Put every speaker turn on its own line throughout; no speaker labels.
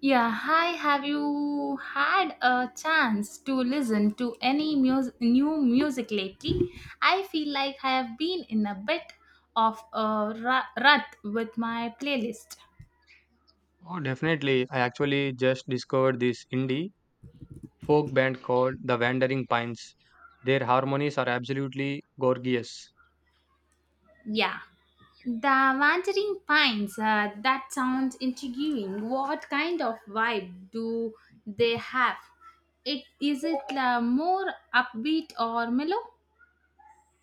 Yeah, hi. Have you had a chance to listen to any new music lately? I feel like I have been in a bit of a rut with my playlist.
Oh, definitely. I actually just discovered this indie folk band called The Wandering Pines. Their harmonies are absolutely gorgeous.
Yeah. The Wandering Pines, that sounds intriguing. What kind of vibe do they have? It is it more upbeat or mellow?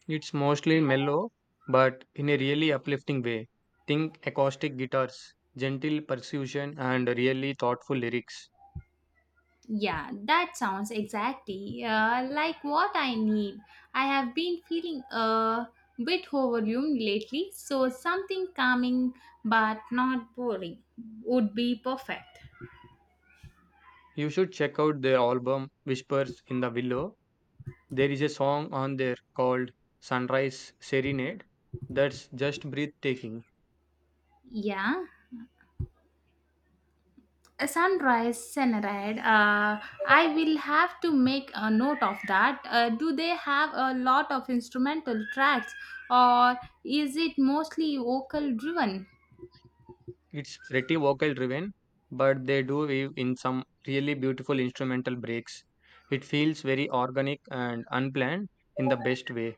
It's mostly mellow, but in a really uplifting way. Think acoustic guitars, gentle percussion, and really thoughtful lyrics.
Yeah, that sounds exactly like what I need. I have been feeling a bit overwhelmed lately, so something calming but not boring would be perfect.
You should check out their album Whispers in the Willow. There is a song on there called Sunrise Serenade that's just breathtaking.
Yeah, a sunrise serenade. I will have to make a note of that. Do they have a lot of instrumental tracks, or is it mostly vocal driven?
It's pretty vocal driven, but they do weave in some really beautiful instrumental breaks. It feels very organic and unplanned in the best way.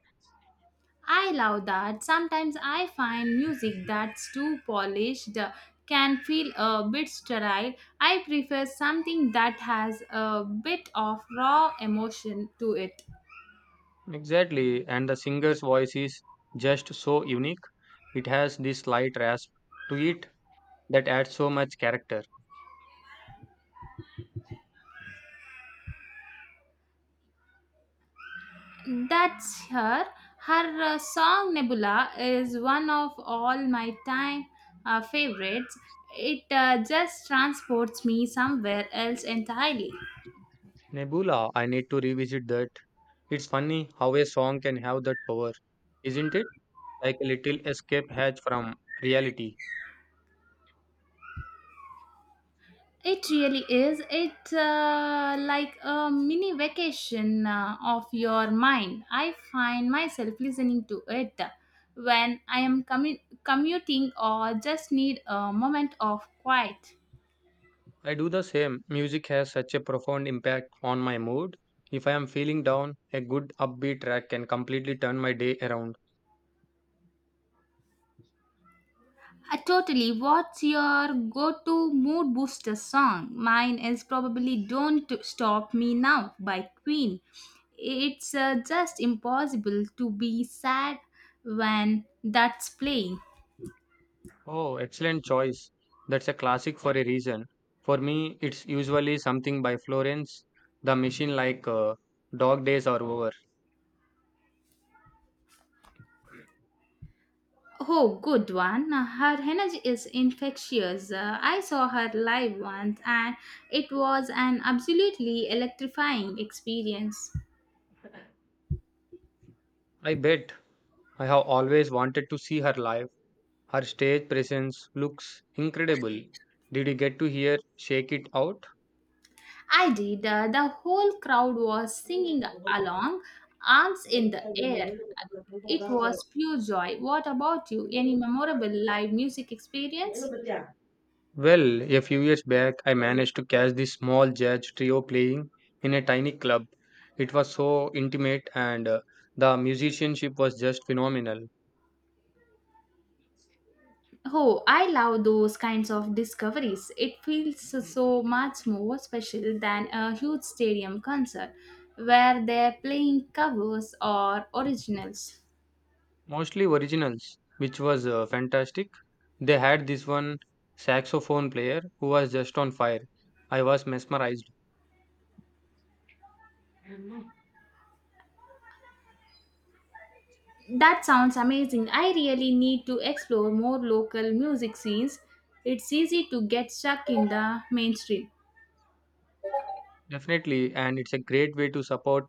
I love that. Sometimes I find music that's too polished can feel a bit sterile. I prefer something that has a bit of raw emotion to it.
Exactly, and the singer's voice is just so unique. It has this slight rasp to it that adds so much character.
That's her. Her song Nebula is one of all my time favorites. It just transports me somewhere else entirely.
Nebula, I need to revisit that. It's funny how a song can have that power, isn't it? Like a little escape hatch from reality.
It really is. It's like a mini vacation of your mind. I find myself listening to it when I am commuting or just need a moment of quiet.
I do the same. Music has such a profound impact on my mood. If I am feeling down, a good upbeat track can completely turn my day around.
Totally. What's your go to mood booster song? Mine is probably Don't Stop Me Now by Queen. It's just impossible to be sad when that's playing.
Oh, excellent choice. That's a classic for a reason. For me, it's usually something by Florence, The Machine like Dog Days Are Over.
Oh, good one. Her energy is infectious. I saw her live once and it was an absolutely electrifying experience.
I bet I have always wanted to see her live. Her stage presence looks incredible. Did you get to hear Shake It Out?
I did. The whole crowd was singing along, arms in the air. It was pure joy. What about you? Any memorable live music experience?
Well, a few years back, I managed to catch this small jazz trio playing in a tiny club. It was so intimate, and the musicianship was just phenomenal.
Oh, I love those kinds of discoveries. It feels so much more special than a huge stadium concert where they're playing covers or originals.
Mostly originals, which was fantastic. They had this one saxophone player who was just on fire. I was mesmerized.
That sounds amazing. I really need to explore more local music scenes. It's easy to get stuck in the mainstream.
Definitely, and it's a great way to support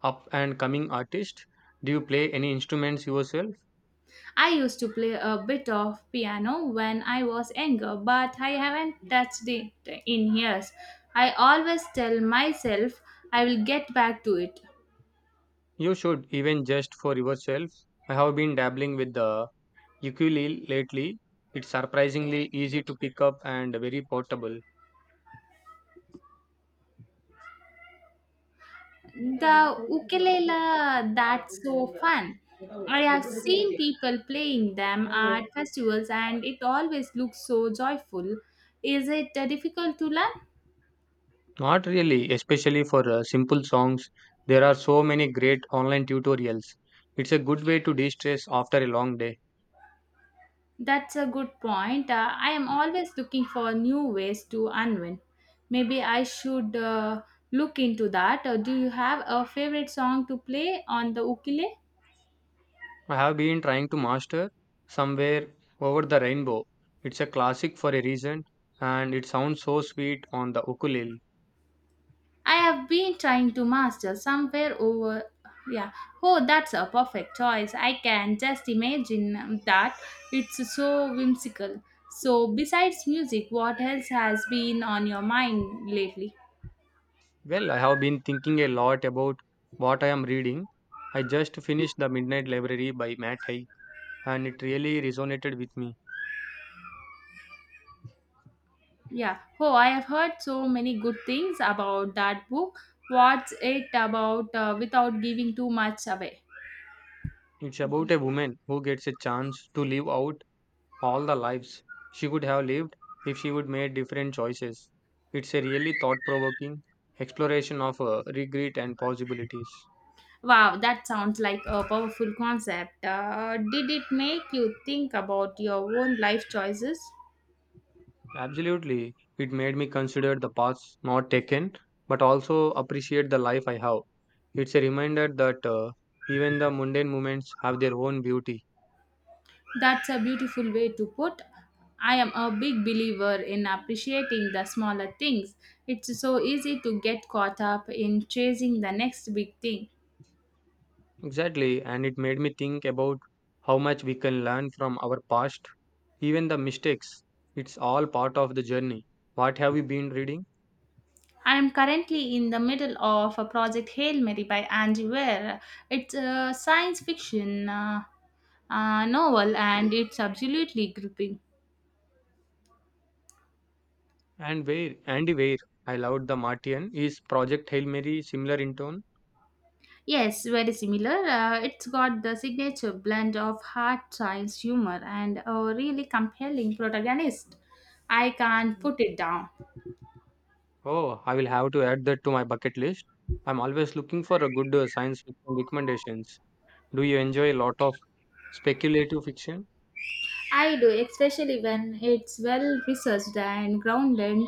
up and coming artists. Do you play any instruments yourself?
I used to play a bit of piano when I was younger, but I haven't touched it in years. I always tell myself I will get back to it.
You should, even just for yourself. I have been dabbling with the ukulele lately. It's surprisingly easy to pick up and very portable.
The ukulele, that's so fun. I have seen people playing them at festivals and it always looks so joyful. Is it difficult to learn?
Not really, especially for simple songs. There are so many great online tutorials. It's a good way to de stress after a long day.
That's a good point. I am always looking for new ways to unwind. Maybe I should look into that. Do you have a favorite song to play on the ukulele?
I have been trying to master Somewhere Over the Rainbow. It's a classic for a reason and it sounds so sweet on the ukulele.
I have been trying to master somewhere over. Yeah. Oh, that's a perfect choice. I can just imagine that. It's so whimsical. So, besides music, what else has been on your mind lately?
Well, I have been thinking a lot about what I am reading. I just finished The Midnight Library by Matt Haig. And it really resonated with me.
Yeah. Oh, I have heard so many good things about that book. What's it about without giving too much away?
It's about a woman who gets a chance to live out all the lives she could have lived if she would made different choices. It's a really thought provoking exploration of regret and possibilities.
Wow, that sounds like a powerful concept. Did it make you think about your own life choices?
Absolutely, it made me consider the paths not taken but also appreciate the life I have. It's a reminder that even the mundane moments have their own beauty.
That's a beautiful way to put. I am a big believer in appreciating the smaller things. It's so easy to get caught up in chasing the next big thing.
Exactly, and it made me think about how much we can learn from our past, even the mistakes. It's all part of the journey. What have you been reading?
I am currently in the middle of a project Hail Mary by Angie Ware. It's a science fiction novel and it's absolutely gripping.
And where? Andy Weir. I loved the Martian. Is Project Hail Mary similar in tone?
Yes, very similar. It's got the signature blend of hard science humor and a really compelling protagonist. I can't put it down.
Oh, I will have to add that to my bucket list. I'm always looking for a good science fiction recommendations. Do you enjoy a lot of speculative fiction?
I do, especially when it's well researched and grounded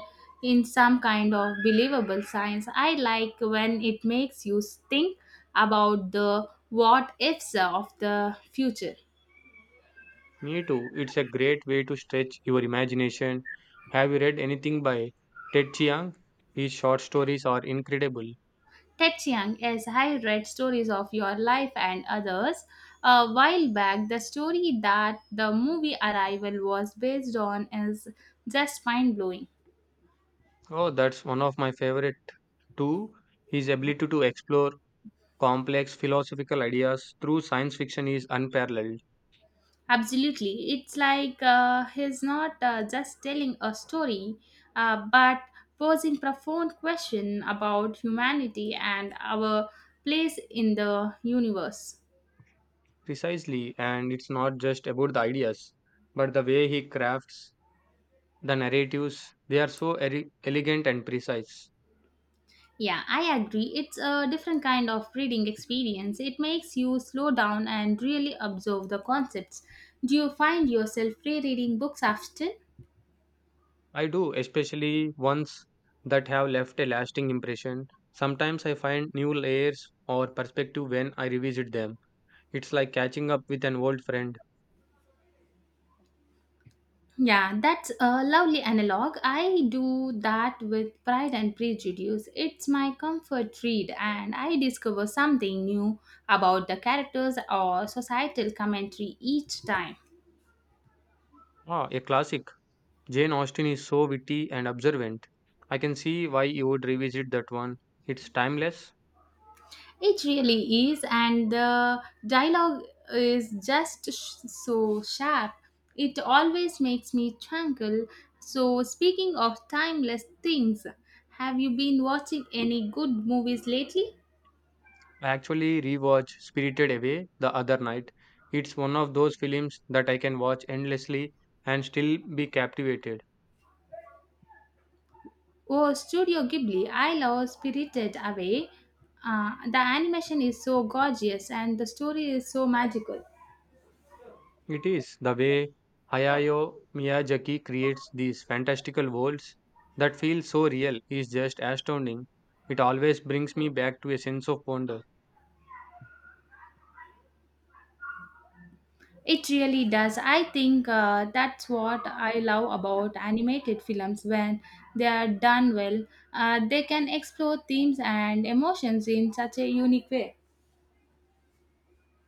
in some kind of believable science. I like when it makes you think about the what ifs of the future.
Me too. It's a great way to stretch your imagination. Have you read anything by Ted Chiang? His short stories are incredible.
Ted Chiang, yes, I read stories of your life and others. A while back, the story that the movie Arrival was based on is just mind blowing.
Oh, that's one of my favorite too. His ability to explore complex philosophical ideas through science fiction is unparalleled.
Absolutely. It's like he's not just telling a story, but posing profound question about humanity and our place in the universe.
Precisely, and it's not just about the ideas, but the way he crafts the narratives. They are so elegant and precise.
Yeah, I agree. It's a different kind of reading experience. It makes you slow down and really observe the concepts. Do you find yourself rereading books often?
I do, especially ones that have left a lasting impression. Sometimes I find new layers or perspective when I revisit them. It's like catching up with an old friend.
Yeah, that's a lovely analog. I do that with Pride and Prejudice. It's my comfort read, and I discover something new about the characters or societal commentary each time.
Ah, a classic. Jane Austen is so witty and observant. I can see why you would revisit that one. It's timeless.
It really is, and the dialogue is just so sharp. It always makes me twinkle. So, speaking of timeless things, have you been watching any good movies lately?
I actually rewatched Spirited Away the other night. It's one of those films that I can watch endlessly and still be captivated.
Oh, Studio Ghibli, I love Spirited Away. The animation is so gorgeous and the story is so magical.
It is the way Hayao Miyazaki creates these fantastical worlds that feel so real is just astounding. It always brings me back to a sense of wonder.
It really does. I think that's what I love about animated films when they are done well. They can explore themes and emotions in such a unique way.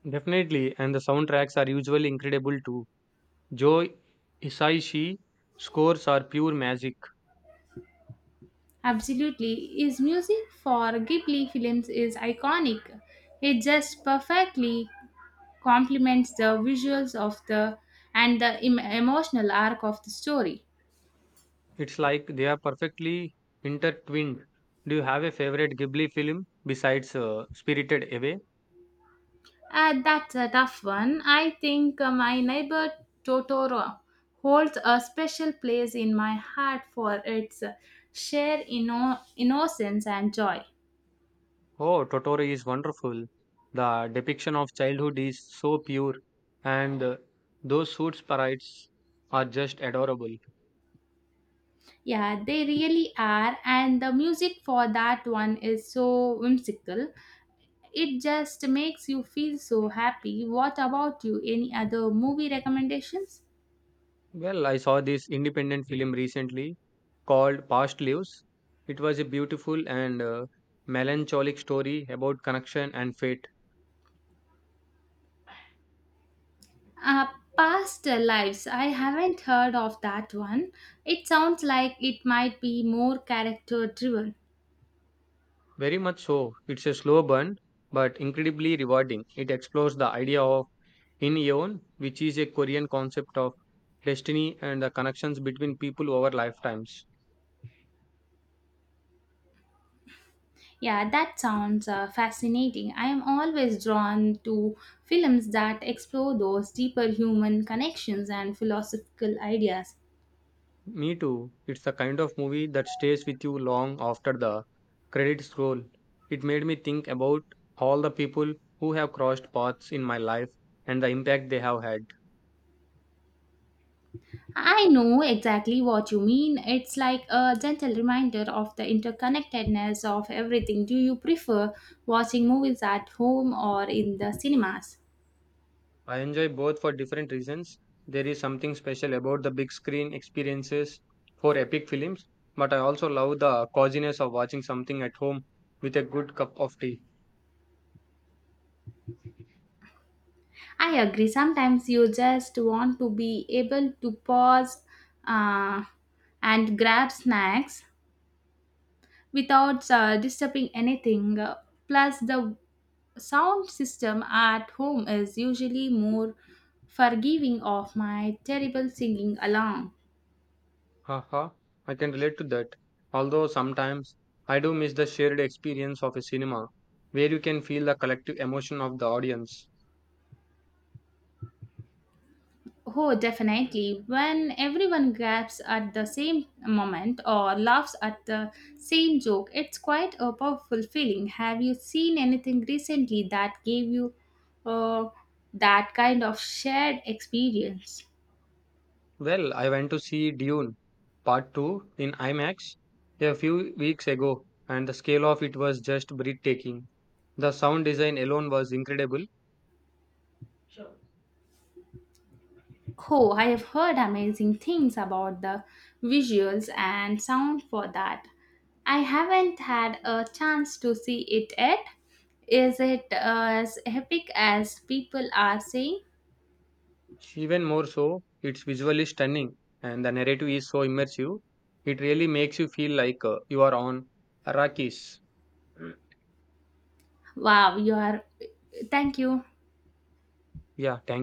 Definitely, and the soundtracks are usually incredible too. Joe Hisaishi scores are pure magic.
Absolutely. His music for Ghibli films is iconic. It just perfectly complements the visuals of the and the emotional arc of the story.
It's like they are perfectly intertwined. Do you have a favorite Ghibli film besides Spirited Away?
That's a tough one. I think my neighbor Totoro holds a special place in my heart for its sheer innocence and joy.
Oh, Totoro is wonderful. The depiction of childhood is so pure, and those suit sprites are just adorable.
Yeah, they really are, and the music for that one is so whimsical. It just makes you feel so happy. What about you? Any other movie recommendations?
Well, I saw this independent film recently called Past Lives. It was a beautiful and melancholic story about connection and fate.
Uh, Past Lives. I haven't heard of that one. It sounds like it might be more character driven.
Very much so. It's a slow burn, but incredibly rewarding. It explores the idea of in-eon, which is a Korean concept of destiny and the connections between people over lifetimes.
Yeah, that sounds fascinating. I am always drawn to films that explore those deeper human connections and philosophical ideas.
Me too. It's the kind of movie that stays with you long after the credits roll. It made me think about all the people who have crossed paths in my life and the impact they have had.
I know exactly what you mean. It's like a gentle reminder of the interconnectedness of everything. Do you prefer watching movies at home or in the cinemas?
I enjoy both for different reasons. There is something special about the big screen experiences for epic films, but I also love the coziness of watching something at home with a good cup of tea.
I agree. Sometimes you just want to be able to pause uh, and grab snacks without disturbing anything. Plus, the sound system at home is usually more forgiving of my terrible singing alarm.
Haha, I can relate to that. Although sometimes I do miss the shared experience of a cinema where you can feel the collective emotion of the audience.
Oh, definitely. When everyone gasps at the same moment or laughs at the same joke, it's quite a powerful feeling. Have you seen anything recently that gave you uh, that kind of shared experience?
Well, I went to see Dune Part 2 in IMAX a few weeks ago, and the scale of it was just breathtaking. The sound design alone was incredible.
Oh, I have heard amazing things about the visuals and sound for that. I haven't had a chance to see it yet. Is it as epic as people are saying?
Even more so, it's visually stunning, and the narrative is so immersive. It really makes you feel like you are on Arrakis.
Wow, you are. Thank you.
Yeah, thank